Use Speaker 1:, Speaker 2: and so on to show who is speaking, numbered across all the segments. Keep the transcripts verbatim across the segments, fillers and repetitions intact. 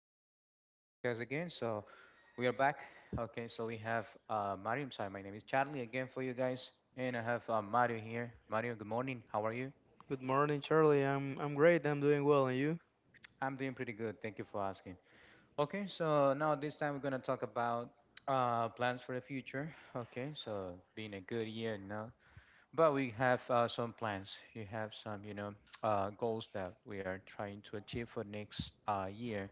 Speaker 1: to this podcast again. So we are back. Okay, so we have uh, Mario. I'm sorry, my name is Charlie again for you guys, and I have uh, Mario here. Mario, good morning. How are you?
Speaker 2: Good morning, Charlie. I'm I'm great. I'm doing well, and you?
Speaker 1: I'm doing pretty good. Thank you for asking. Okay, so now this time we're gonna talk about uh, plans for the future. Okay, so being a good year now, but we have uh, some plans. You have some you know, uh, goals that we are trying to achieve for next uh, year.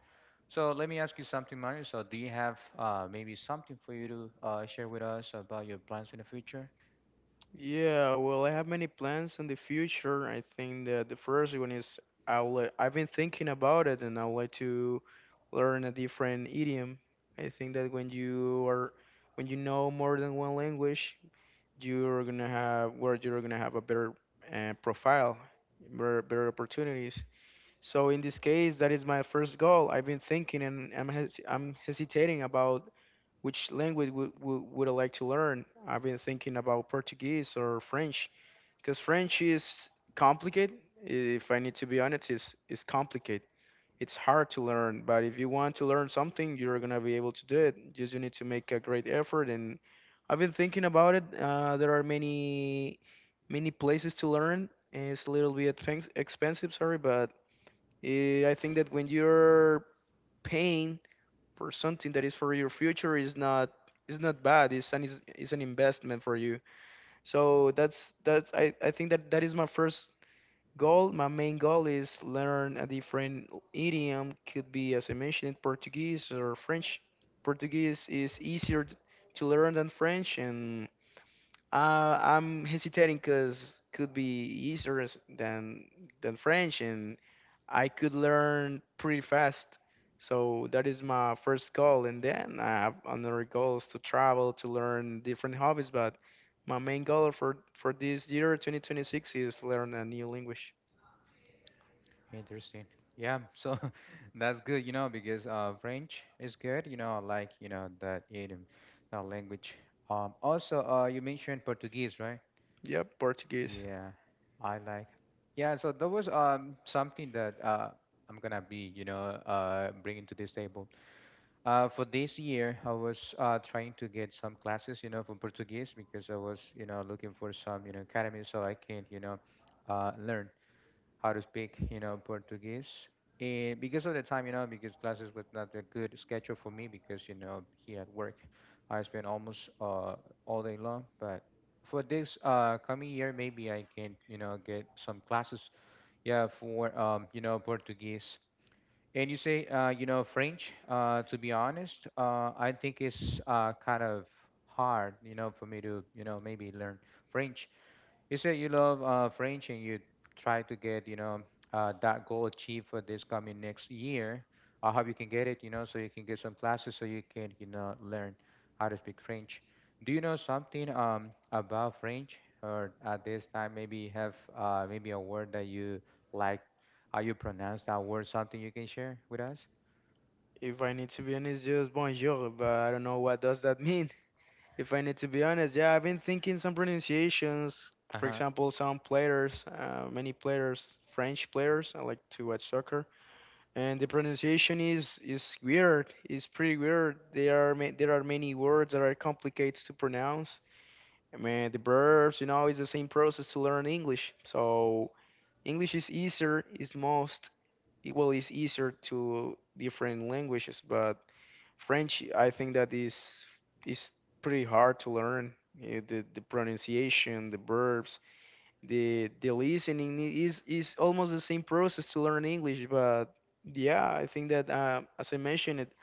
Speaker 1: So let me ask you something, Mario. So do you have uh, maybe something for you to uh, share with us about your plans in the future?
Speaker 2: Yeah, well, I have many plans in the future. I think that the first one is I will, I've been thinking about it, and I would like to learn a different idiom. I think that when you are when you know more than one language, you're gonna have where you're gonna have a better uh, profile, better, better opportunities. So in this case, that is my first goal. I've been thinking, and I'm hes I'm hesitating about which language would, would, would I like to learn. I've been thinking about Portuguese or French because French is complicated. If I need to be honest, it's, it's complicated. It's hard to learn, but if you want to learn something, you're gonna be able to do it. You just need to make a great effort. And I've been thinking about it. Uh, there are many, many places to learn, and it's a little bit expen- expensive, sorry, but uh, I think that when you're paying for something that is for your future is not is not bad. It's an is, is an investment for you. So that's that's I, I think that that is my first goal. My main goal is learn a different idiom. Could be, as I mentioned, Portuguese or French. Portuguese is easier t- to learn than French, and uh, I'm hesitating because could be easier s- than than French, and I could learn pretty fast. So that is my first goal, and then I have another goals to travel, to learn different hobbies. But my main goal for for this year, twenty twenty-six, is learn a new language.
Speaker 1: Interesting. Yeah. So that's good you know, because uh, French is good. You know, I like you know that it um, that language. Um. Also, uh, you mentioned Portuguese, right?
Speaker 2: Yep, Portuguese.
Speaker 1: Yeah, I like. Yeah. So that was um something that uh I'm gonna be you know uh bringing to this table. Uh, for this year, I was uh, trying to get some classes you know, for Portuguese because I was you know, looking for some you know, academy so I can you know, uh, learn how to speak you know, Portuguese. And because of the time you know, because classes was not a good schedule for me because you know, here at work, I spend almost uh, all day long. But for this uh, coming year, maybe I can you know, get some classes, yeah, for um, you know, Portuguese. And you say uh, you know, French, uh, to be honest, uh, I think it's uh, kind of hard you know, for me to you know, maybe learn French. You said you love uh, French and you try to get you know, uh, that goal achieved for this coming next year. I hope you can get it you know, so you can get some classes so you can you know, learn how to speak French. Do you know something um, about French, or at this time maybe have uh, maybe a word that you like, how you pronounce that word, something you can share with us?
Speaker 2: If I need to be honest, just bonjour, but I don't know what does that mean. If I need to be honest, yeah, I've been thinking some pronunciations. For
Speaker 1: Uh-huh.
Speaker 2: example, some players, uh, many players, French players, I like to watch soccer, and the pronunciation is is weird. It's pretty weird. There are ma- there are many words that are complicated to pronounce. I mean, the verbs, you know, it's the same process to learn English. So English is easier. It's most Well, it's easier to different languages, but French, I think that is is pretty hard to learn. eh, The, the pronunciation, the verbs, the the listening i- is is almost the same process to learn English. But yeah, I think that uh, as I mentioned, it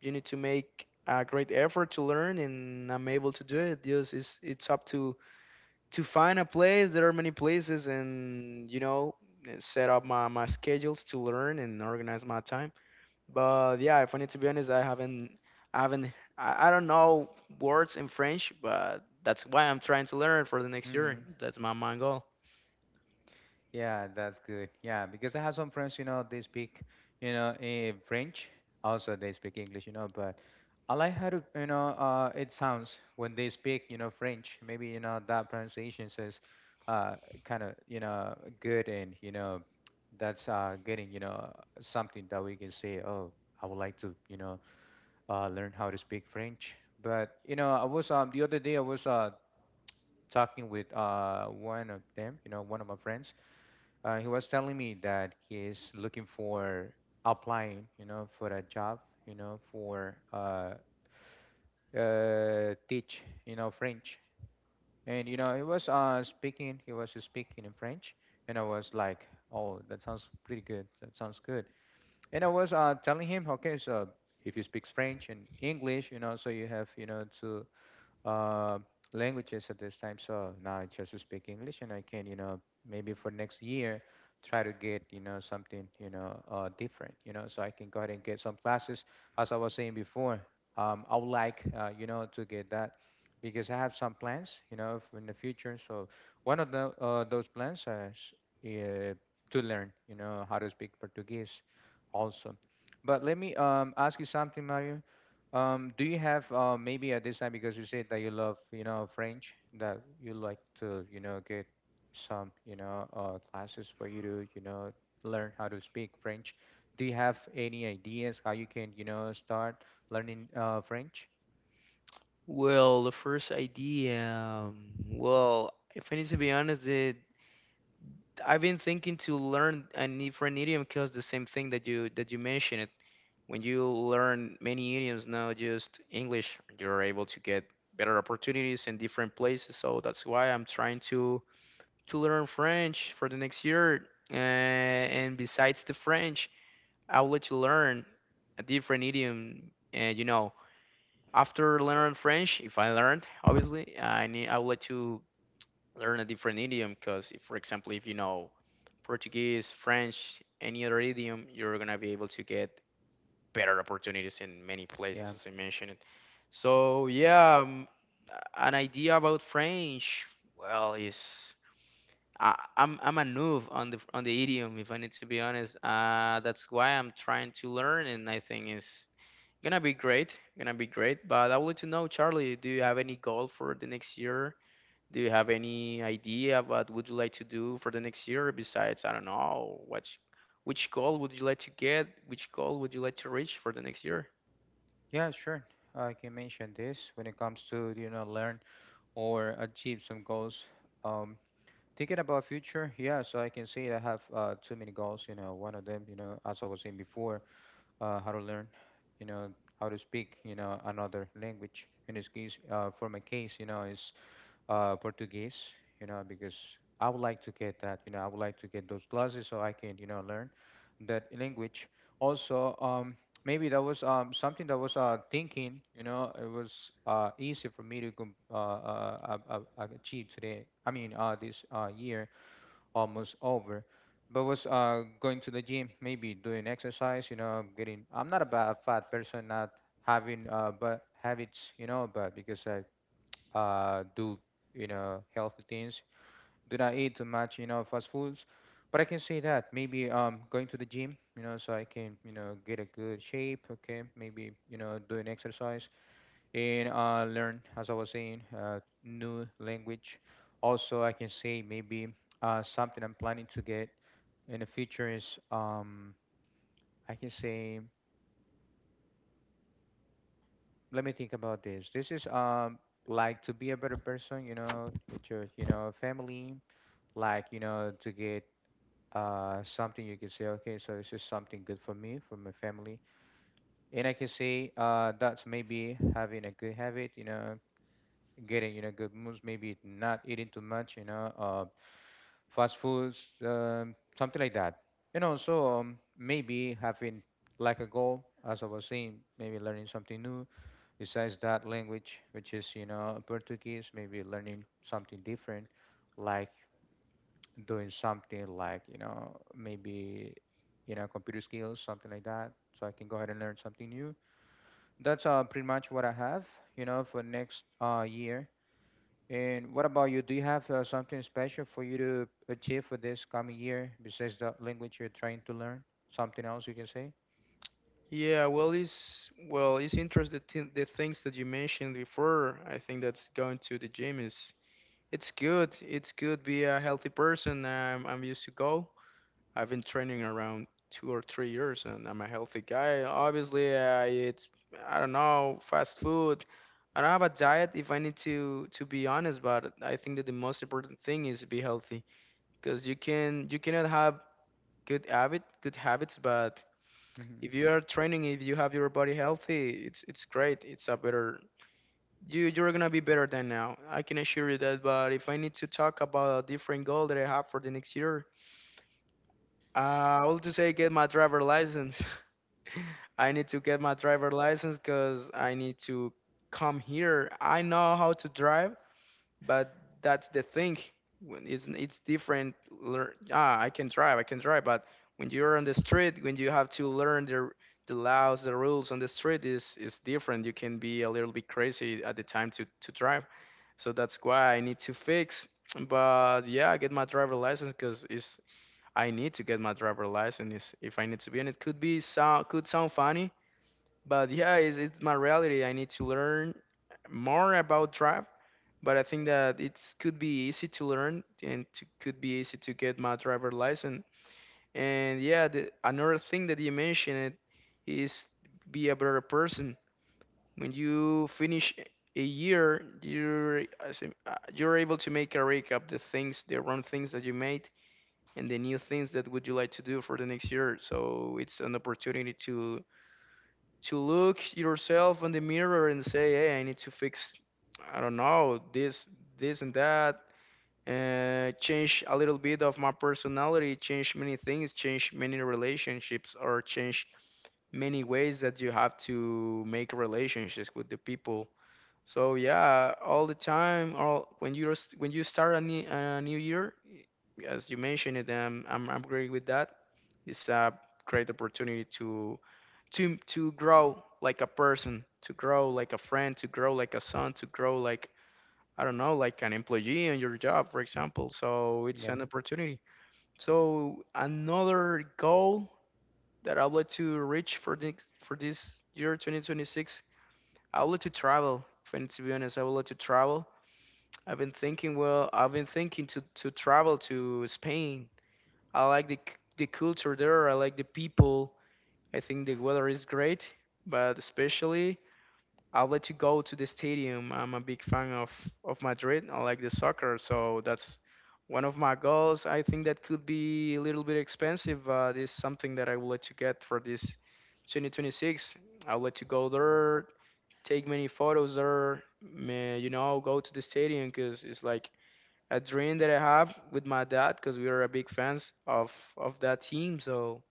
Speaker 2: you need to make a great effort to learn, and I'm able to do it. Just it's it's up to to find a place. There are many places, and you know, eh, set up my my schedules to learn and organize my time. But yeah, if I need to be honest, I haven't, I haven't, I, I don't know words in French, but that's why I'm trying to learn for the next year.
Speaker 1: Mm-hmm.
Speaker 2: That's my main goal.
Speaker 1: Yeah, that's good. Yeah, because I have some friends you know, they speak, you know, eh, French. Also, they speak English you know, but I like how to you know, uh, it sounds when they speak you know, French. Maybe you know, that pronunciation is uh, kind of you know, good, and you know, that's uh, getting you know, something that we can say, oh, I would like to you know, uh, learn how to speak French. But you know, I was, um, the other day I was uh, talking with uh, one of them, you know, one of my friends. Uh, he was telling me that he is looking for applying you know, for a job you know, for uh, uh, teach you know, French. And you know, he was uh, speaking, he was speaking in French, and I was like, oh, that sounds pretty good. That sounds good. And I was uh, telling him, okay, so if you speak French and English you know, so you have, you know, to uh, languages at this time. So now I just speak English, and I can you know, maybe for next year, try to get you know, something you know, uh, different you know, so I can go ahead and get some classes. As I was saying before, um, I would like, uh, you know, to get that because I have some plans you know, for in the future. So one of the uh, those plans is uh, to learn you know, how to speak Portuguese, also. But let me um, ask you something, Mario. Um, do you have uh, maybe at this time, because you said that you love you know French, that you like to you know get some you know uh, classes for you to you know learn how to speak French. Do you have any ideas how you can you know start learning uh, French?
Speaker 2: Well, the first idea, um, well, if I need to be honest, it, I've been thinking to learn a different idiom because the same thing that you that you mentioned it. When you learn many idioms, not just English, you're able to get better opportunities in different places. So that's why I'm trying to to learn French for the next year. Uh, and besides the French, I would like to learn a different idiom. And you know, after learning French, if I learned, obviously, I need I would like to learn a different idiom because, if, for example, if you know Portuguese, French, any other idiom, you're gonna be able to get better opportunities in many places,
Speaker 1: Yeah,
Speaker 2: as I mentioned. So yeah, um, an idea about French, well, is I, I'm I'm a noob on the on the idiom if I need to be honest. Uh, that's why I'm trying to learn, and I think it's gonna be great, gonna be great. But I would like to know, Charlie, do you have any goal for the next year? Do you have any idea what would you like to do for the next year? Besides, I don't know, which which goal would you like to get? Which goal would you like to reach for the next year?
Speaker 1: yeah, sure. I can mention this when it comes to you know learn or achieve some goals. Um, Thinking about future, yeah. So I can say I have uh, too many goals. You know, one of them, you know, as I was saying before. uh, how to learn you know, how to speak you know, another language. In this case, uh, for my case, you know, is uh, Portuguese, you know, because I would like to get that. you know, I would like to get those classes so I can you know, learn that language. Also, um, maybe that was um, something that was uh, thinking you know, it was uh, easy for me to com- uh, uh, uh, uh, achieve today. I mean, uh, this uh, year almost over. But was uh going to the gym, maybe doing exercise you know, getting I'm not a bad fat person, not having uh but habits you know, but because I uh do you know, healthy things, do not eat too much you know, fast foods. But I can say that maybe um going to the gym you know, so I can you know, get a good shape, okay, maybe you know, doing exercise and uh, learn, as I was saying, uh, new language. Also, I can say maybe uh, something I'm planning to get in the future is um, I can say, let me think about this. This is um, like to be a better person you know, with your you know, family, like you know, to get uh, something you can say, okay, so this is something good for me, for my family. And I can say uh, that's maybe having a good habit you know, getting you know good moves, maybe not eating too much you know uh, fast foods um, something like that. And also um, maybe having like a goal, as I was saying, maybe learning something new besides that language, which is you know Portuguese. Maybe learning something different, like doing something like you know maybe you know computer skills, something like that, so I can go ahead and learn something new. That's uh, pretty much what I have you know for next uh, year. And what about you? Do you have uh, something special for you to achieve for this coming year besides the language you're trying to learn? Something else you can say?
Speaker 2: Yeah, well, it's well, it's interesting the, thi- the things that you mentioned before. I think that's going to the gym is It's good. It's good be a healthy person. I'm, I'm used to go. I've been training around two or three years, and I'm a healthy guy. Obviously, I eat, I don't know, fast food. I don't have a diet, if I need to to be honest, but I think that the most important thing is be healthy because you can you cannot have good habit good habits, but
Speaker 1: Hmm.
Speaker 2: if you are training, if you have your body healthy, it's it's great. It's a better you you're gonna be better than now. I can assure you that. But if I need to talk about a different goal that I have for the next year, uh, I will just say get my driver license. I need to get my driver license because I need to come here. I know how to drive, but that's the thing. When It's it's different. Learn, ah, I can drive, I can drive, but when you're on the street, when you have to learn the the laws, the rules on the street is is different. You can be a little bit crazy at the time to to drive, so that's why I need to fix. But yeah, I get my driver license because it's I need to get my driver license, is- if I need to be, and it could be sound could sound funny, but yeah, it's, it's my reality. I need to learn more about drive, but I think that it could be easy to learn and to, could be easy to get my driver license. And yeah, the, another thing that you mentioned is be a better person. When you finish a year, you're as in, uh, you're able to make a recap, the things, the wrong things that you made, and the new things that would you like to do for the next year. So it's an opportunity to to look yourself in the mirror and say, hey, I need to fix, I don't know, this, this and that. Uh, change a little bit of my personality, change many things, change many relationships, or change many ways that you have to make relationships with the people. So yeah, all the time, all when you when you start a new, a new year, as you mentioned it, um, I'm I'm agree with that. It's a great opportunity to to to grow like a person, to grow like a friend, to grow like a son, to grow like, I don't know, like an employee on your job, for example. So it's
Speaker 1: Yeah,
Speaker 2: an opportunity. So another goal that I would like to reach for this for this year, twenty twenty-six, I would like to travel. And to be honest, I would like to travel I've been thinking, well, I've been thinking to to travel to Spain. I like the c- the culture there. I like the people. I think the weather is great, but especially I'd like to go to the stadium. I'm a big fan of of Madrid. I like the soccer, so that's one of my goals. I think that could be a little bit expensive, but it's something that I would like to get for this twenty twenty-six. I would like to go there, take many photos there, may, you know, go to the stadium because it's like a dream that I have with my dad, because we are a big fans of of that team. So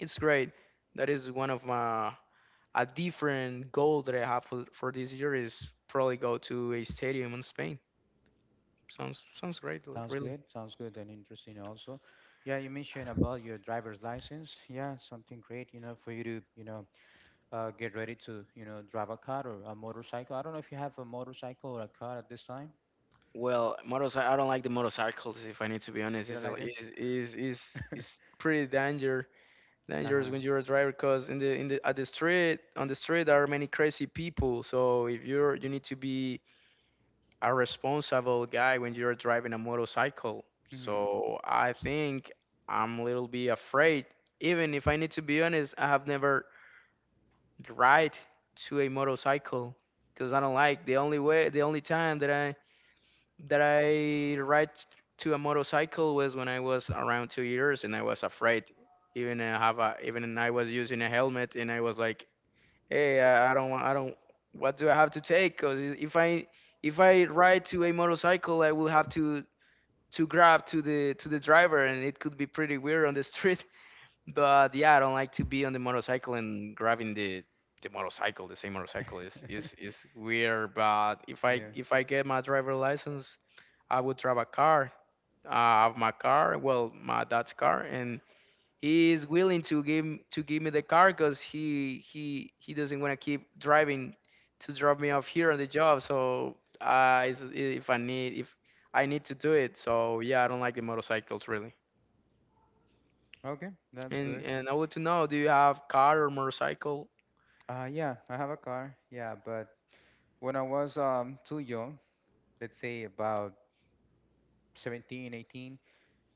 Speaker 2: it's great. That is one of my a different goal that I have for, for this year, is probably go to a stadium in Spain. Sounds sounds great, li-
Speaker 1: sounds
Speaker 2: really.
Speaker 1: good. Sounds good and interesting also. Yeah, you mentioned about your driver's license. Yeah, something great you know, for you to you know, uh, get ready to you know, drive a car or a motorcycle. I don't know if you have a motorcycle or a car at this time.
Speaker 2: Well, motorcycle. I don't like the motorcycles. If I need to be honest,
Speaker 1: You don't
Speaker 2: is
Speaker 1: like them?
Speaker 2: is is is is pretty danger dangerous
Speaker 1: Uh-huh.
Speaker 2: when you're a driver, because in the in the at the street on the street there are many crazy people. So if you're you need to be a responsible guy when you're driving a motorcycle.
Speaker 1: Hmm.
Speaker 2: So I think I'm a little bit afraid. Even if I need to be honest, I have never ride to a motorcycle because I don't like the only way, the only time that I that I ride to a motorcycle was when I was around two years, and I was afraid. Even I have a, even I was using a helmet and I was like, hey, I, I don't want, I don't, what do I have to take? Because if I if I ride to a motorcycle, I will have to to grab to the to the driver, and it could be pretty weird on the street. But yeah, I don't like to be on the motorcycle and grabbing the the motorcycle, the same motorcycle is is is weird. But if I
Speaker 1: Yeah.
Speaker 2: if I get my driver license, I would drive a car. I have my car, well, my dad's car, and is willing to give to give me the car because he he he doesn't want to keep driving to drop me off here on the job. So uh, is- if I need if I need to do it, so yeah, I don't like the motorcycles really.
Speaker 1: Okay, that's
Speaker 2: And
Speaker 1: good.
Speaker 2: and I want to know, do you have car or motorcycle?
Speaker 1: Uh, yeah, I have a car. Yeah, but when I was um, too young, let's say about seventeen, eighteen,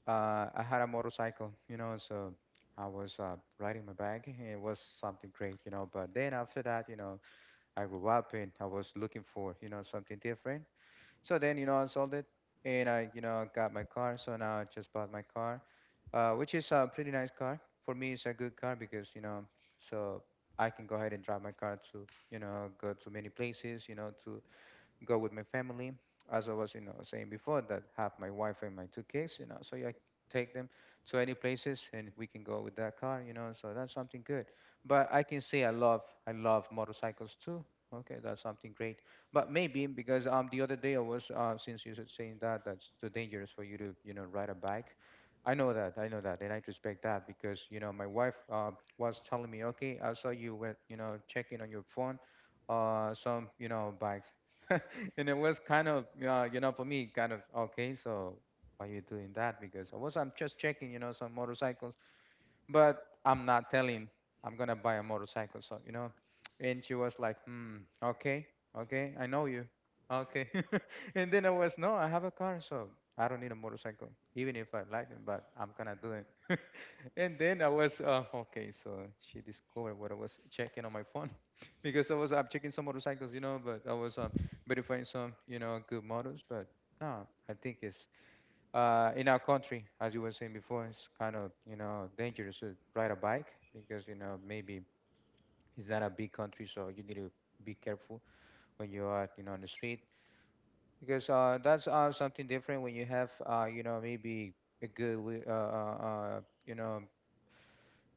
Speaker 1: uh, I had a motorcycle you know, so I was uh, riding my bike. And it was something great you know, but then after that you know, I grew up and I was looking for you know, something different. So then you know, I sold it and I you know, got my car. So now I just bought my car, uh, which is a pretty nice car. For me, it's a good car because you know, so I can go ahead and drive my car to you know, go to many places you know, to go with my family, as I was you know, saying before, that have my wife and my two kids you know, so yeah, I take them to any places and we can go with that car you know, so that's something good. But I can say I love, I love motorcycles too. Okay, that's something great. But maybe because um the other day I was uh since you said saying that that's too dangerous for you to you know ride a bike. I know that, I know that, and I respect that because you know my wife uh, was telling me, okay, I saw you were you know checking on your phone, uh some you know bikes. And it was kind of uh, you know for me, kind of okay. So why are you doing that? Because i was i'm just checking you know some motorcycles, but I'm not telling I'm gonna buy a motorcycle. So, you know, and she was like, hmm, okay, okay, I know you, okay. And then I was, no, I have a car, so I don't need a motorcycle, even if I like it, but I'm gonna do it. And then I was, uh, okay, so she discovered what I was checking on my phone. Because I was up checking some motorcycles, you know, but I was um verifying some, you know, good models. But no, I think it's uh, in our country, as you were saying before, it's kind of you know dangerous to ride a bike because you know maybe it's not a big country, so you need to be careful when you are you know on the street because uh, that's uh, something different when you have uh, you know maybe a good wi- uh, uh, uh, you know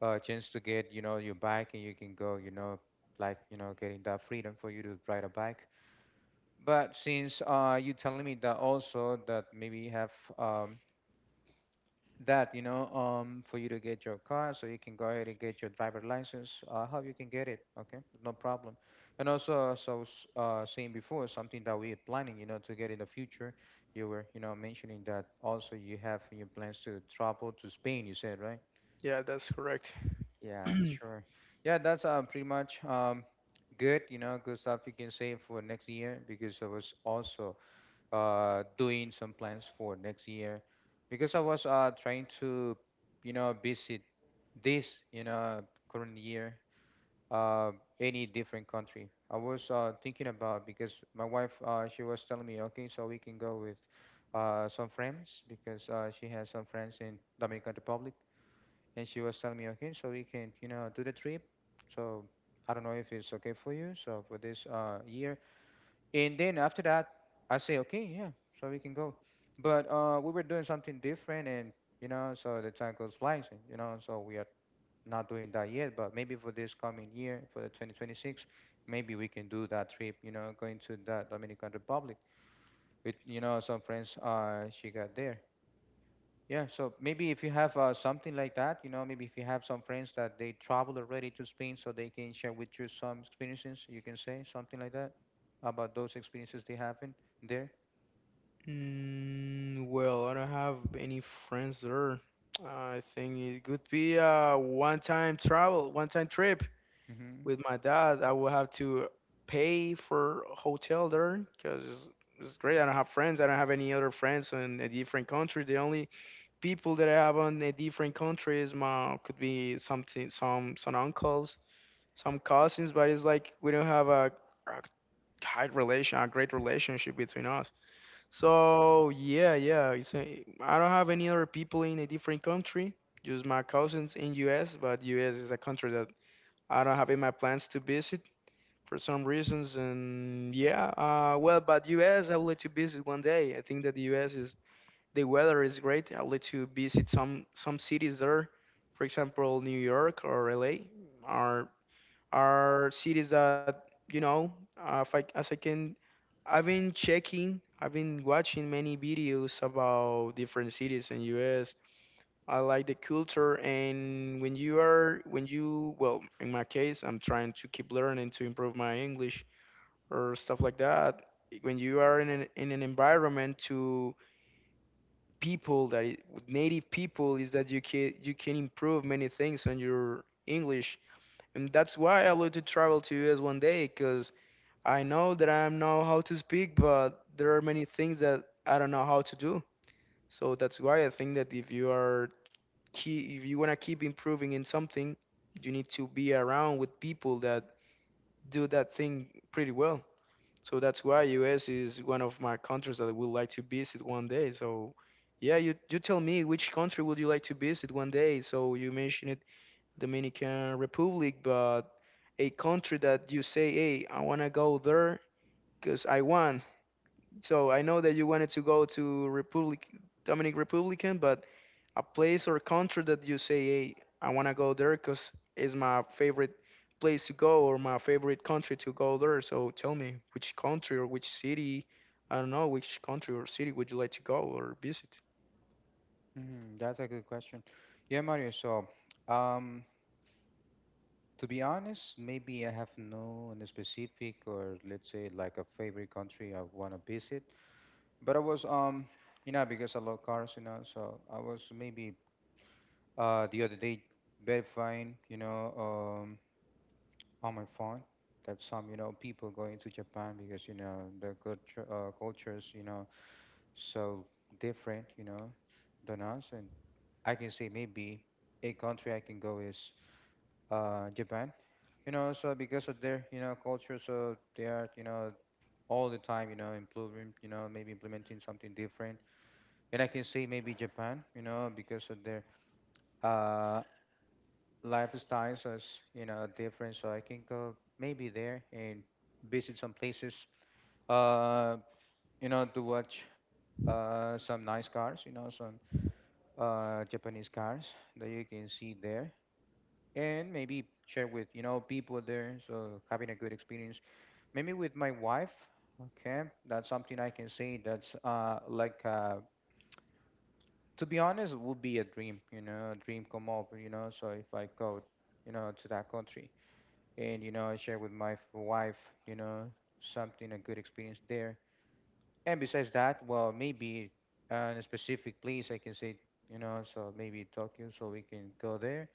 Speaker 1: uh, chance to get you know your bike and you can go you know like you know getting that freedom for you to ride a bike. But since uh, you're telling me that also that maybe you have um, that you know um for you to get your car so you can go ahead and get your driver license, uh, how you can get it? Okay, no problem. And also, as I was uh saying before, something that we are planning you know to get in the future, you were you know mentioning that also you have your plans to travel to Spain, you said, right?
Speaker 2: Yeah, that's correct.
Speaker 1: Yeah, sure, yeah, that's uh pretty much um good you know good stuff you can say for next year, because I was also uh doing some plans for next year, because I was uh trying to you know visit this you know current year uh any different country. I was uh thinking about, because my wife uh she was telling me, okay, so we can go with uh some friends, because uh she has some friends in Dominican Republic, and she was telling me, okay, so we can you know do the trip, so I don't know if it's okay for you so for this uh year, and then after that, I say, okay, yeah, so we can go. But uh, we were doing something different, and you know, so the time goes flying, so, you know, so we are not doing that yet. But maybe for this coming year, for the twenty twenty-six, maybe we can do that trip, you know, going to that Dominican Republic with, you know, some friends uh, she got there. Yeah, so maybe if you have uh, something like that, you know, maybe if you have some friends that they travel already to Spain, so they can share with you some experiences, you can say something like that about those experiences they have in there.
Speaker 2: Mm, well, I don't have any friends there. I think it could be a one-time travel, one-time trip
Speaker 1: Hmm.
Speaker 2: with my dad. I will have to pay for hotel there because it's, it's great. I don't have friends. I don't have any other friends in a different country. The only people that I have on a different country is my could be something some some uncles, some cousins. But it's like we don't have a, a tight relation, a great relationship between us. So yeah, yeah. It's a, I don't have any other people in a different country. Just my cousins in U S. But U S is a country that I don't have in my plans to visit for some reasons. And yeah, uh, well, but U S, I would like to visit one day. I think that the U S is the weather is great. I would like to visit some some cities there, for example, New York or L A are are cities that you know. Uh, if I, as I can, I've been checking, I've been watching many videos about different cities in U S. I like the culture. And when you are when you, well, in my case, I'm trying to keep learning to improve my English or stuff like that. When you are in an, in an environment to people that i- with native people, is that you can you can improve many things on your English. And that's why I like to travel to us one day, because I know that I know how to speak. But there are many things that I don't know how to do. So that's why I think that if you are key if you want to keep improving in something, you need to be around with people that do that thing pretty well. So that's why U S is one of my countries that I would like to visit one day. So yeah, you you tell me which country would you like to visit one day? So you mentioned it, Dominican Republic, but a country that you say, hey, I wanna go there because I want. So I know that you wanted to go to Republic Dominic Republican, but a place or country that you say, hey, I want to go there because it's my favorite place to go or my favorite country to go there. So tell me which country or which city, I don't know, which country or city would you like to go or visit?
Speaker 1: Hmm. That's a good question. Yeah, Mario. So, um, to be honest, maybe I have no an specific, or let's say like a favorite country I want to visit. But I was um, you know, because I love cars, you know, so I was maybe uh the other day verifying, you know, um, on my phone that some you know people going to Japan, because you know the culture uh, cultures you know so different you know than us, and I can say maybe a country I can go is uh Japan, you know, so because of their you know culture, so they are you know all the time you know improving you know maybe implementing something different, and I can say maybe Japan, you know, because of their uh lifestyles is you know different, so I can go maybe there and visit some places uh, you know, to watch uh, some nice cars, you know, some uh, Japanese cars that you can see there, and maybe share with, you know, people there. So having a good experience, maybe with my wife. Okay, that's something I can say that's uh, like, uh, to be honest, would be a dream, you know, a dream come up, you know. So if I go, you know, to that country, and, you know, I share with my f- wife, you know, something, a good experience there. And besides that, well, maybe uh, in a specific place, I can say, you know, so maybe Tokyo, so we can go there,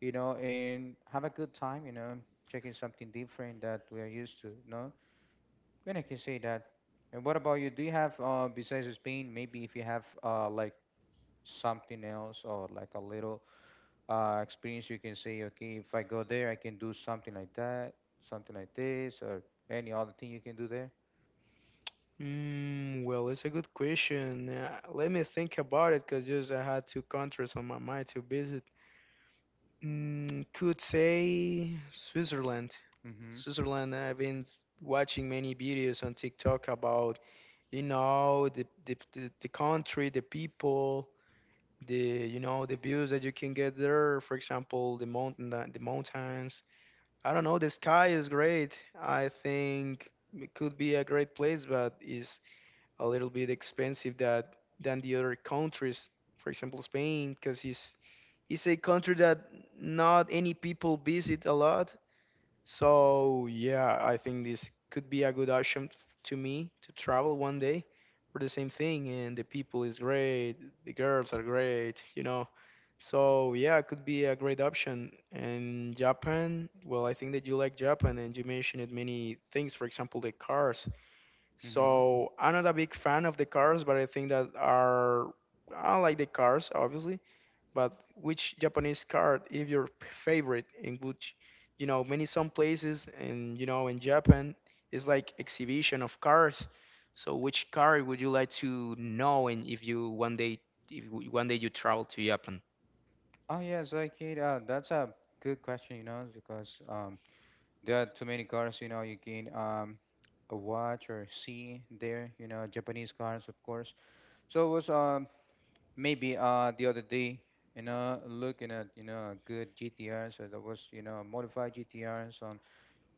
Speaker 1: you know, and have a good time, you know, checking something different that we're used to, you know. Then I can say that. And what about you? Do you have, uh, besides Spain, maybe if you have, uh, like something else or like a little uh, experience, you can say, okay, if I go there, I can do something like that, something like this, or any other thing you can do there?
Speaker 2: Mm, well, it's a good question. Uh, let me think about it because just I had two countries on my mind to visit. Mm, could say Switzerland.
Speaker 1: Mm-hmm.
Speaker 2: Switzerland, I've been watching many videos on TikTok about, you know, the the, the, the country, the people, the you know, the views that you can get there. For example, the mountain, the, the mountains. I don't know, the sky is great. I think it could be a great place, but is a little bit expensive that than the other countries. For example, Spain, because it's it's a country that not any people visit a lot, so yeah, I think this could be a good option f- to me to travel one day for the same thing. And the people is great, the girls are great, you know. So yeah, it could be a great option. And Japan, well, I think that you like Japan, and you mentioned many things. For example, the cars.
Speaker 1: Mm-hmm.
Speaker 2: So I'm not a big fan of the cars, but I think that are I like the cars, obviously. But which Japanese card is your p- favorite? In which, you know, many some places and you know in Japan is like exhibition of cars. So which card would you like to know? And if you one day, if w- one day you travel to Japan,
Speaker 1: Oh yeah, Zoikid, uh, that's a good question, you know, because um, there are too many cars, you know, you can um, uh, watch or see there, you know, Japanese cars, of course. So it was um, maybe uh, the other day, you know, looking at, you know, a good G T R, so that was, you know, modified G T Rs, some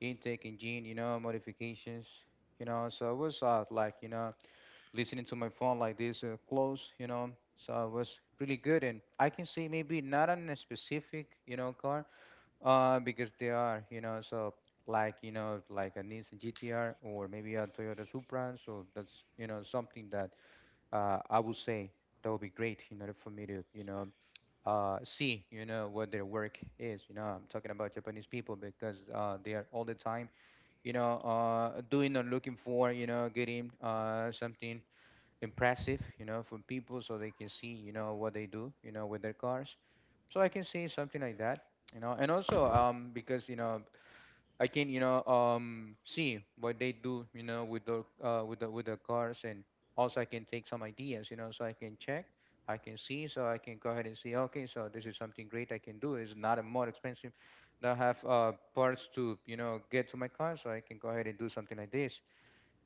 Speaker 1: intake, engine, you know, modifications, you know, so it was uh, like, you know, listening to my phone like this uh, close, you know. So it was really good, and I can say maybe not on a specific, you know, car, uh, because they are, you know, so like you know, like a Nissan G T R or maybe a Toyota Supra. So that's you know something that uh, I would say that would be great in order for me to, you know, uh, see, you know, what their work is. You know, I'm talking about Japanese people because uh, they are all the time, you know, uh, doing or looking for, you know, getting uh, something impressive, you know, from people so they can see, you know, what they do, you know, with their cars. So I can say something like that, you know, and also um because you know I can you know um see what they do, you know, with the uh with the with the cars, and also I can take some ideas, you know, so I can check, I can see, so I can go ahead and see. Okay, so this is something great I can do. It's not a more expensive that I have uh parts to you know get to my car, so I can go ahead and do something like this.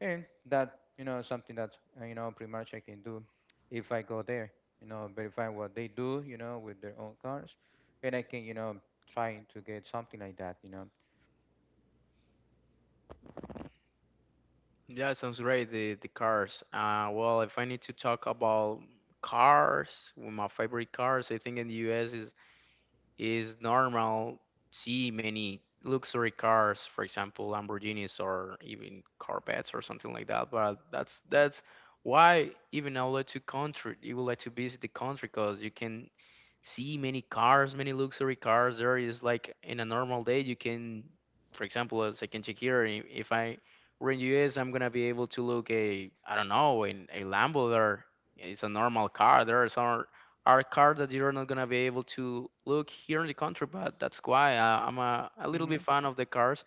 Speaker 1: And that, you know, something that's, uh, you know, pretty much I can do if I go there, you know, verify what they do, you know, with their own cars. And I can, you know, trying to get something like that, you know.
Speaker 2: yeah, sounds great. The the cars. Uh, well, if I need to talk about cars, well, my favorite cars, I think in the U S is. It's normal see many luxury cars, for example, Lamborghinis or even Corvettes or something like that. But that's that's why even I would like to country, you would like to visit the country because you can see many cars, many luxury cars. There is like in a normal day, you can, for example, as I can check here, i- if I were in U S, I'm gonna be able to look a, I don't know, in a Lambo there. It's a normal car. There are some are cars that you're not gonna be able to look here in the country. But that's why I, I'm a, a little bit
Speaker 1: Mm-hmm.
Speaker 2: fan of the cars,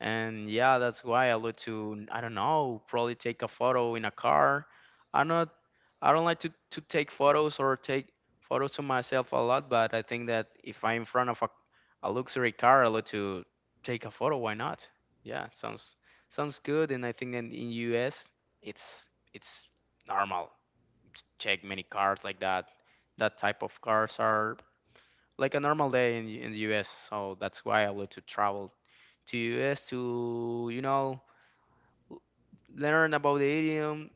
Speaker 2: and yeah, that's why I look to I don't know, probably take a photo in a car. I'm not I don't like to to take photos or take photos to myself a lot, but I think that if I'm in front of a, a luxury car, I look to take a photo. Why not? Yeah, sounds sounds good, and I think in in U S it's it's normal check many cars like that. That type of cars are like a normal day in in the U S, so that's why I love to travel to U S to, you know, learn about the idiom,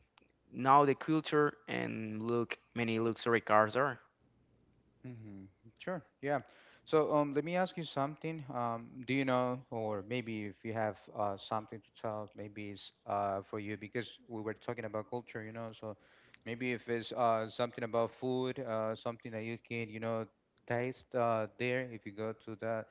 Speaker 2: know the culture, and look many luxury cars are.
Speaker 1: Mm-hmm. Sure. Yeah. So um, let me ask you something. Um, do you know, or maybe if you have uh, something to tell, maybe it's uh, for you because we were talking about culture, you know. So maybe if it's uh, something about food, uh, something that you can, you know, taste uh, there if you go to that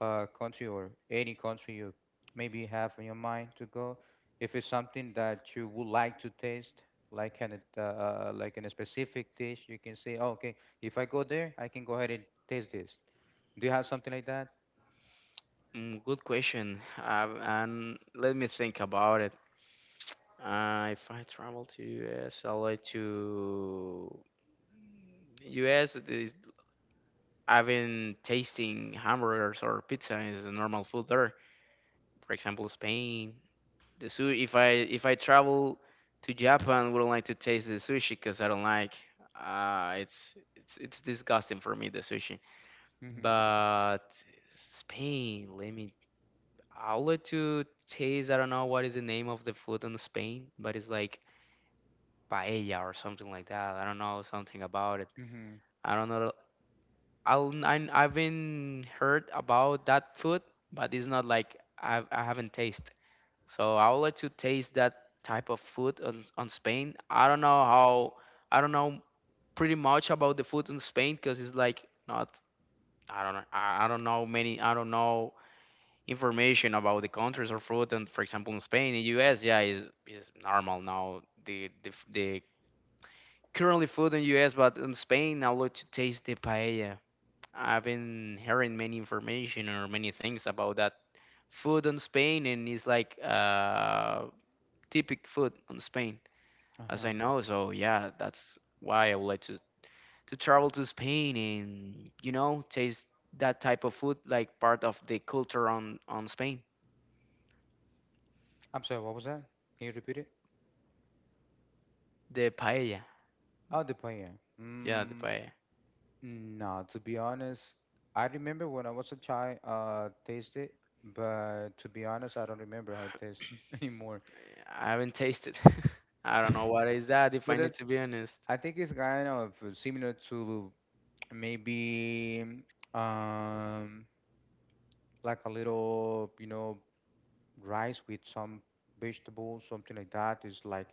Speaker 1: uh, country or any country you maybe have in your mind to go, if it's something that you would like to taste, like an uh, uh, like in a specific dish, you can say, oh, okay, if I go there, I can go ahead and taste this. Do you have something like that?
Speaker 2: Mm, good question. Um, and let me think about it. Uh, if I travel to U S, I like to U S. I've been tasting hamburgers or pizza is a normal food there. For example, Spain, the sushi. If I if I travel to Japan, wouldn't like to taste the sushi because I don't like. Uh, it's it's it's disgusting for me the sushi.
Speaker 1: Mm-hmm.
Speaker 2: But Spain, let me. I would like to taste. I don't know what is the name of the food in Spain, but it's like paella or something like that. I don't know something about it.
Speaker 1: Mm-hmm.
Speaker 2: I don't know. I'll, I, I've been heard about that food, but it's not like I've, I haven't tasted. So I would like to taste that type of food on, on Spain. I don't know how, I don't know pretty much about the food in Spain because it's like not, I don't know, I I don't know many, I don't know information about the countries or food. And for example, in Spain, in U S, yeah, is is normal now the, the, f- the currently food in U S, but in Spain, I would like to taste the paella. I've been hearing many information or many things about that food on Spain, and it's like uh, typical food on Spain, as
Speaker 1: Uh-huh.
Speaker 2: I know. So yeah, that's why I would like to to travel to Spain and you know taste that type of food, like part of the culture on on Spain,
Speaker 1: I'm sorry, what was that? Can you repeat it?
Speaker 2: the paella.
Speaker 1: Oh, the paella.
Speaker 2: Yeah, the
Speaker 1: Mm,
Speaker 2: paella.
Speaker 1: no, to be honest, I remember when I was a child, uh, tasted, but to be honest, I don't remember how it tastes anymore.
Speaker 2: I haven't tasted. I don't know what is that. If I
Speaker 1: But
Speaker 2: need
Speaker 1: that's
Speaker 2: to be honest,
Speaker 1: I think it's kind of similar to maybe um, like a little, you know, rice with some vegetables, something like that. It's like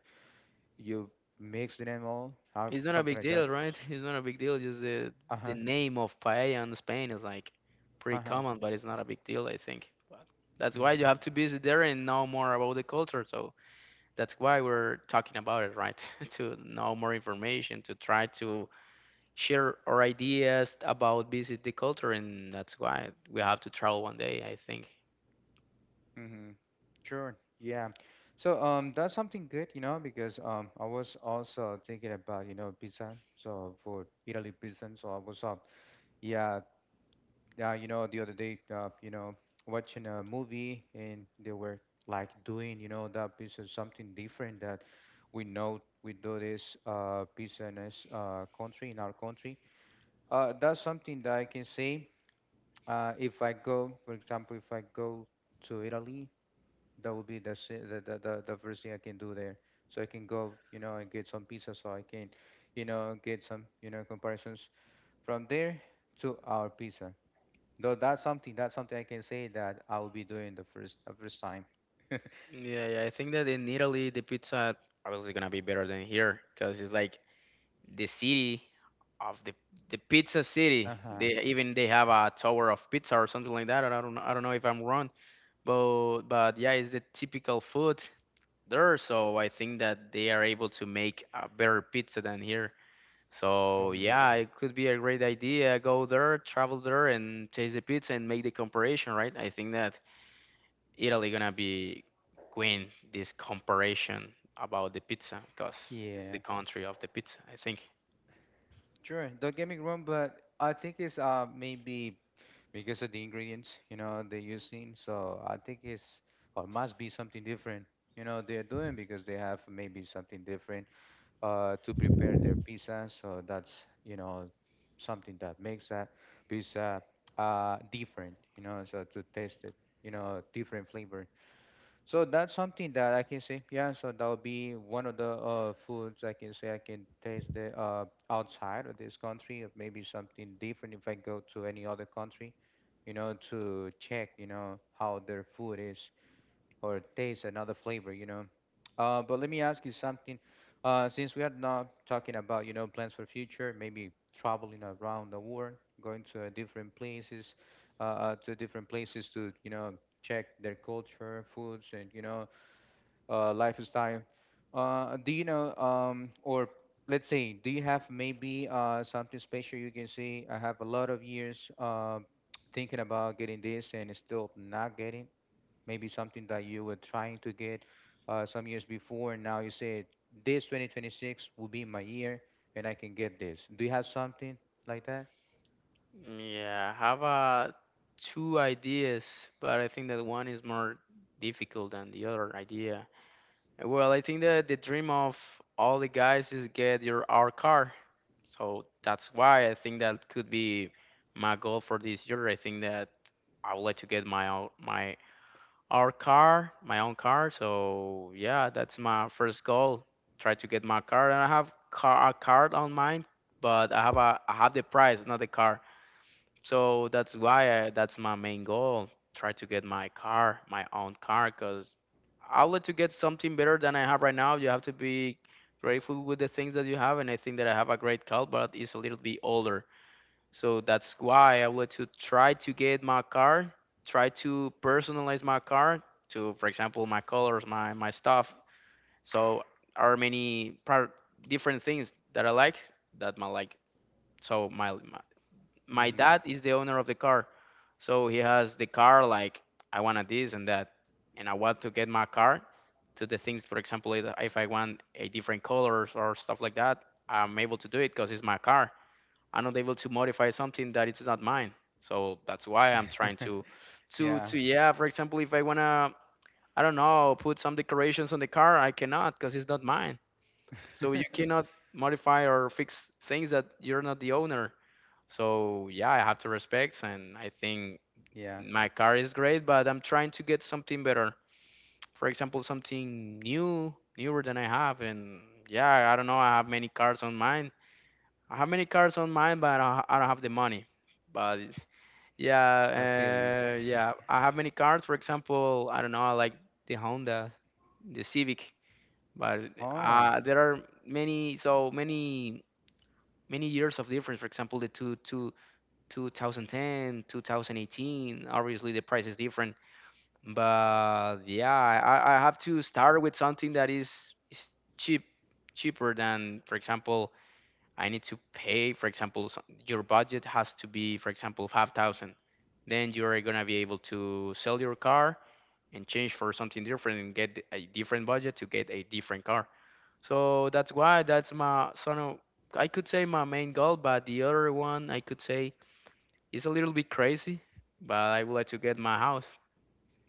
Speaker 1: you mix them all, uh,
Speaker 2: it's not a
Speaker 1: something
Speaker 2: big
Speaker 1: like that.
Speaker 2: deal, right? It's not a big deal. Just the the
Speaker 1: Uh-huh,
Speaker 2: name of paella in Spain is like pretty
Speaker 1: uh-huh.
Speaker 2: common, but it's not a big deal, I think. But that's why you have
Speaker 1: Mm-hmm.
Speaker 2: to visit there and know more about the culture. So that's why we're talking about it, right? To know more information, to try to share our ideas about visit the culture, and that's why we have to travel one day, I think.
Speaker 1: Mm-hmm. Sure. Yeah. So um, that's something good, you know, because um, I was also thinking about, you know, pizza. So for Italy pizza, so I was uh, yeah, yeah, you know, the other day, uh, you know, watching a movie, and they were like doing, you know, that piece of something different that we know we do this uh, piece in this uh, country, in our country. Uh, that's something that I can say. Uh, if I go, for example, if I go to Italy, that would be the, si- the, the, the, the first thing I can do there. So I can go, you know, and get some pizza, so I can, you know, get some, you know, comparisons from there to our pizza. Though that's something that's something I can say that I will be doing the first the first time.
Speaker 2: Yeah, yeah, I think that in Italy the pizza obviously gonna be better than here because it's like the city of the the pizza city.
Speaker 1: Uh-huh.
Speaker 2: They even they have a tower of pizza or something like that. I don't know- I don't know if I'm wrong, but but yeah, it's the typical food there. So I think that they are able to make a better pizza than here. So
Speaker 1: Hmm.
Speaker 2: yeah, it could be a great idea. Go there, travel there, and taste the pizza and make the comparison, right? I think that Italy gonna be win this comparison about the pizza because it's the
Speaker 1: Yeah,
Speaker 2: country of the pizza. I think.
Speaker 1: sure. Don't get me wrong, but I think it's uh maybe because of the ingredients, you know, they're using. So I think it's or must be something different, you know, they're doing because they have maybe something different uh to prepare their pizza. So that's, you know, something that makes that pizza uh different, you know, so to taste it, you know, different flavor. So that's something that I can say. Yeah, so that would be one of the uh, foods I can say I can taste the uh, outside of this country, or maybe something different if I go to any other country, you know, to check, you know, how their food is or taste another flavor, you know. Uh, but let me ask you something. Uh, since we are not talking about, you know, plans for future, maybe traveling around the world, going to uh, different places, uh, uh, to different places to, you know, check their culture, foods, and you know, uh, lifestyle. Uh, do you know, um, or let's say, do you have maybe uh, something special you can say? I have a lot of years uh, thinking about getting this and it's still not getting maybe something that you were trying to get uh, some years before, and now you say this twenty twenty-six will be my year, and I can get this. Do you have something like that?
Speaker 2: Yeah, I have uh, two ideas, but I think that one is more difficult than the other idea. Well, I think that the dream of all the guys is get your our car. So that's why I think that could be my goal for this year. I think that I would like to get my own my our car, my own car. So yeah, that's my first goal. Try to get my car, and I have car a card on mine, but I have a I have the price, not the car. So that's why I, that's my main goal. Try to get my car, my own car, because I would like to get something better than I have right now. You have to be grateful with the things that you have, and I think that I have a great car, but it's a little bit older. So that's why I would like to try to get my car, try to personalize my car to, for example, my colors, my my stuff. So are many par- different things that I like that my like. So my my, my
Speaker 1: Hmm.
Speaker 2: dad is the owner of the car, so he has the car like I wanted this and that, and I want to get my car to the things. For example, if if I want a different colors or stuff like that, I'm able to do it because it's my car. I'm not able to modify something that it's not mine. So that's why I'm trying to, to,
Speaker 1: Yeah.
Speaker 2: to yeah. For example, if I wanna, I don't know, put some decorations on the car, I cannot because it's not mine. So you cannot modify or fix things that you're not the owner. So yeah, I have to respect, and I think
Speaker 1: Yeah,
Speaker 2: yeah, my car is great, but I'm trying to get something better. For example, something new, newer than I have, and yeah, I don't know. I have many cars on mine. I have many cars on mine, but I I don't have the money. But yeah,
Speaker 1: I feel you.
Speaker 2: uh, yeah, I have many cars. For example, I don't know. I like the Honda, the Civic, but
Speaker 1: Oh,
Speaker 2: uh, there are many, so many, many years of difference. For example, the two, two, two thousand ten, twenty eighteen. Obviously, the price is different, but yeah, I, I have to start with something that is, is cheap, cheaper than, for example, I need to pay. For example, so- your budget has to be, for example, five thousand. Then you are gonna be able to sell your car and change for something different and get a different budget to get a different car. So that's why that's my son of I could say my main goal, but the other one I could say it's a little bit crazy, but I would like to get my house.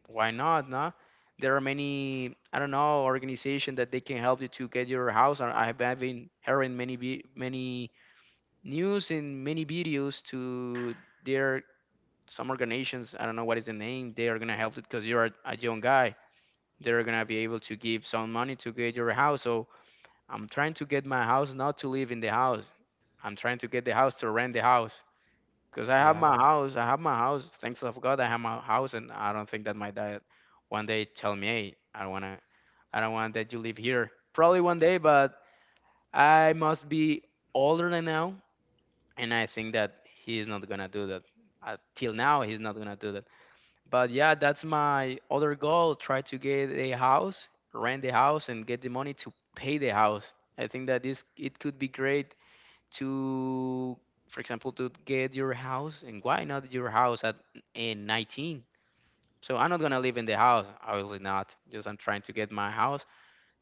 Speaker 2: Why not? No, there are many I don't know organization that they can help you to get your house. And I have I've been hearing many vi- many news and many videos to their some organizations. I don't know what is the name. They are gonna help it because you're a, a young guy. They're gonna be able to give some money to get your house. So I'm trying to get my house, not to live in the house. I'm trying to get the house to rent the house. Because I have
Speaker 1: yeah.
Speaker 2: my house, I have my house. Thanks of God, I have my house, and I don't think that my dad one day tell me, "Hey, I don't wanna, I don't want that you live here." Probably one day, but I must be older than now, and I think that he is not gonna do that. Uh, till now, he's not gonna do that. But yeah, that's my other goal: try to get a house, rent a house, and get the money to pay the house. I think that this it could be great to, for example, to get your house and why not your house at in nineteen. So I'm not gonna live in the house, obviously not. Just I'm trying to get my house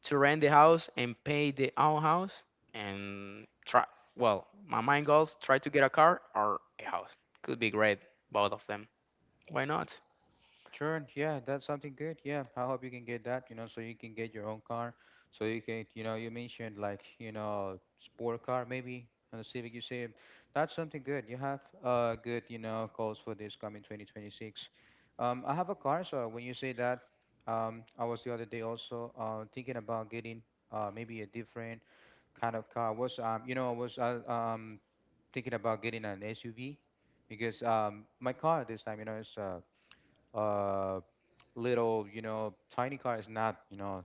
Speaker 2: to rent the house and pay the own house and try. Well, my main goal's try to get a car or a house. Could be great both of them. Why not?
Speaker 1: Sure, yeah, that's something good. Yeah, I hope you can get that, you know, so you can get your own car. So you can, you know, you mentioned like, you know, sport car maybe on the Civic, you say that's something good. You have uh good, you know, goals for this coming twenty twenty-six. Um, I have a car, so when you say that, um, I was the other day also uh thinking about getting uh maybe a different kind of car. Was um, you know, I was uh, um thinking about getting an S U V because um my car this time, you know, is uh uh little, you know, tiny car, is not, you know,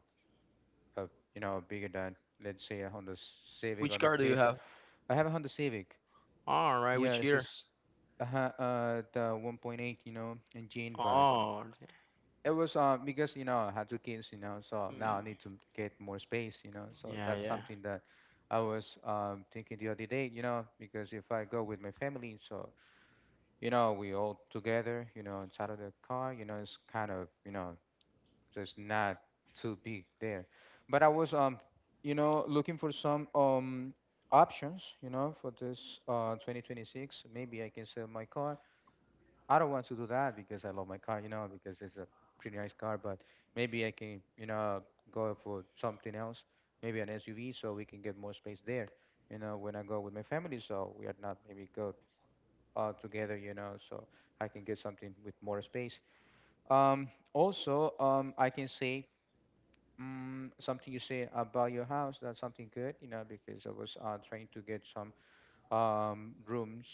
Speaker 1: a, you know, bigger than let's say a Honda Civic
Speaker 2: Which
Speaker 1: on the
Speaker 2: car do you
Speaker 1: Fit.
Speaker 2: have?
Speaker 1: I have a Honda Civic.
Speaker 2: All right.
Speaker 1: Yeah,
Speaker 2: Which
Speaker 1: it's
Speaker 2: year?
Speaker 1: just uh, uh the one point eight, you know, engine, but
Speaker 2: Oh,
Speaker 1: it was uh because you know I had two kids, you know, so now
Speaker 2: mm,
Speaker 1: I need to get more space, you know, so
Speaker 2: yeah,
Speaker 1: that's
Speaker 2: yeah,
Speaker 1: something that I was um thinking the other day, you know, because if I go with my family, so you know we all together, you know, inside of the car, you know, it's kind of you know so it's not too big there. But I was um you know looking for some um options you know for this uh twenty twenty-six. Maybe I can sell my car. I don't want to do that because I love my car, you know, because it's a pretty nice car, but maybe I can, you know, go for something else, maybe an SUV, so we can get more space there, you know, when I go with my family, so we are not maybe go uh together, you know, so I can get something with more space. um also um I can say, mm, something you say about your house, that's something good, you know, because I was uh, trying to get some um, rooms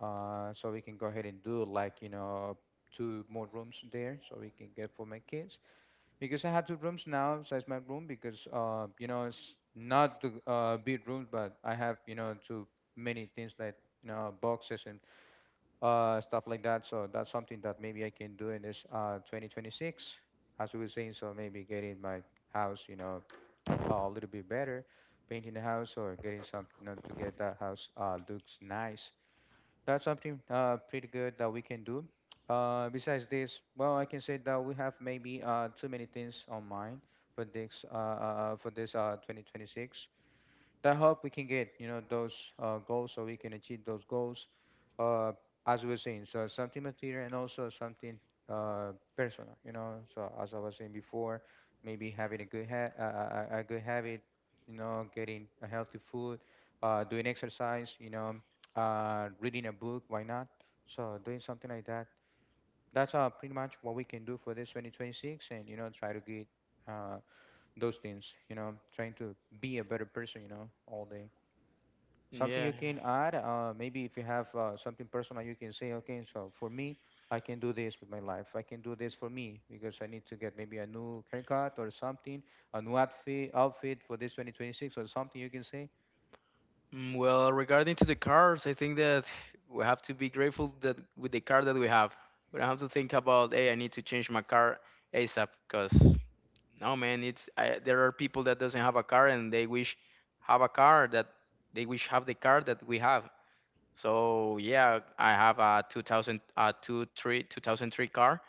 Speaker 1: uh, so we can go ahead and do like, you know, two more rooms there so we can get for my kids. Because I have two rooms now besides my room because, uh, you know, it's not the uh, big rooms, but I have, you know, too many things that, you know, boxes and uh, stuff like that. So that's something that maybe I can do in this uh, twenty twenty-six, as we were saying. So maybe get in my house, you know, a little bit better, painting the house or getting something, you know, to get that house uh, looks nice. That's something uh, pretty good that we can do. Uh, besides this, well, I can say that we have maybe uh, too many things on mind for this uh, uh, uh, for this uh, twenty twenty-six, that help we can get, you know, those uh, goals, so we can achieve those goals uh, as we were saying, so something material and also something uh, personal, you know, so as I was saying before, maybe having a good ha- a, a, a a good habit, you know, getting a healthy food, uh, doing exercise, you know, uh, reading a book, why not, so doing something like that. That's uh, pretty much what we can do for this twenty twenty-six, and you know, try to get uh, those things, you know, trying to be a better person, you know, all day. Something
Speaker 2: yeah.
Speaker 1: you can add, uh, maybe if you have uh, something personal, you can say, okay, so for me, I can do this with my life. I can do this for me because I need to get maybe a new haircut or something, a new outfit, outfit for this twenty twenty-six or something you can say.
Speaker 2: Mm, well, regarding to the cars, I think that we have to be grateful that with the car that we have, we don't have to think about, hey, I need to change my car ASAP, because no, man, it's I, there are people that doesn't have a car and they wish have a car that they wish have the car that we have. So yeah, I have a two thousand, uh, two, three, two thousand three car,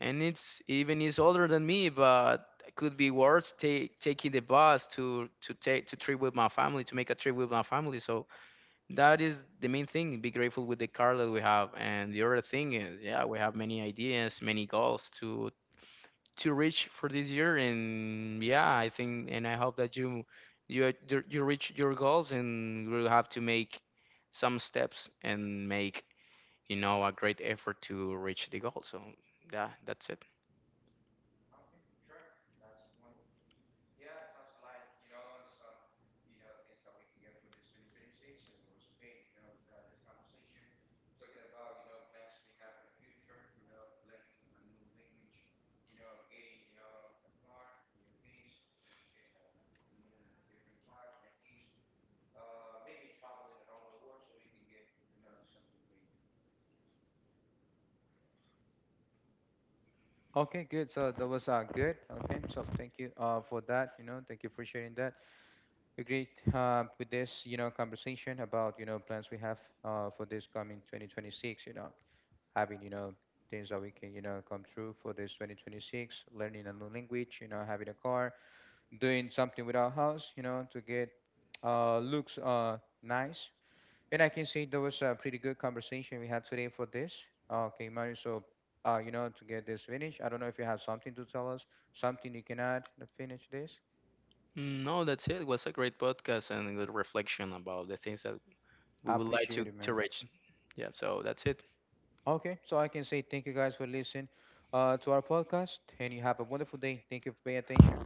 Speaker 2: and it's even is older than me, but it could be worse take, taking the bus to to take to trip with my family to make a trip with my family. So that is the main thing, be grateful with the car that we have, and the other thing is yeah, we have many ideas, many goals to to reach for this year. And yeah, I think and I hope that you you you you reach your goals, and we'll have to make some steps and make, you know, a great effort to reach the goal. So yeah, that's it.
Speaker 1: Okay, good. So that was uh, good. Okay, so thank you uh, for that. You know, thank you for sharing that. Agreed uh, with this, you know, conversation about, you know, plans we have uh, for this coming twenty twenty-six, you know. Having, you know, things that we can, you know, come true for this twenty twenty-six, learning a new language, you know, having a car, doing something with our house, you know, to get uh looks uh nice. And I can say there was a pretty good conversation we had today for this uh, okay, Mario, so uh you know, to get this finished, I don't know if you have something to tell us, something you can add to finish this.
Speaker 2: No, that's it. It was a great podcast and a good reflection about the things that we
Speaker 1: I
Speaker 2: would like
Speaker 1: appreciate
Speaker 2: to
Speaker 1: it,
Speaker 2: to
Speaker 1: man.
Speaker 2: reach. Yeah, so that's it.
Speaker 1: Okay, so I can say thank you guys for listening uh, to our podcast and you have a wonderful day. Thank you for paying attention.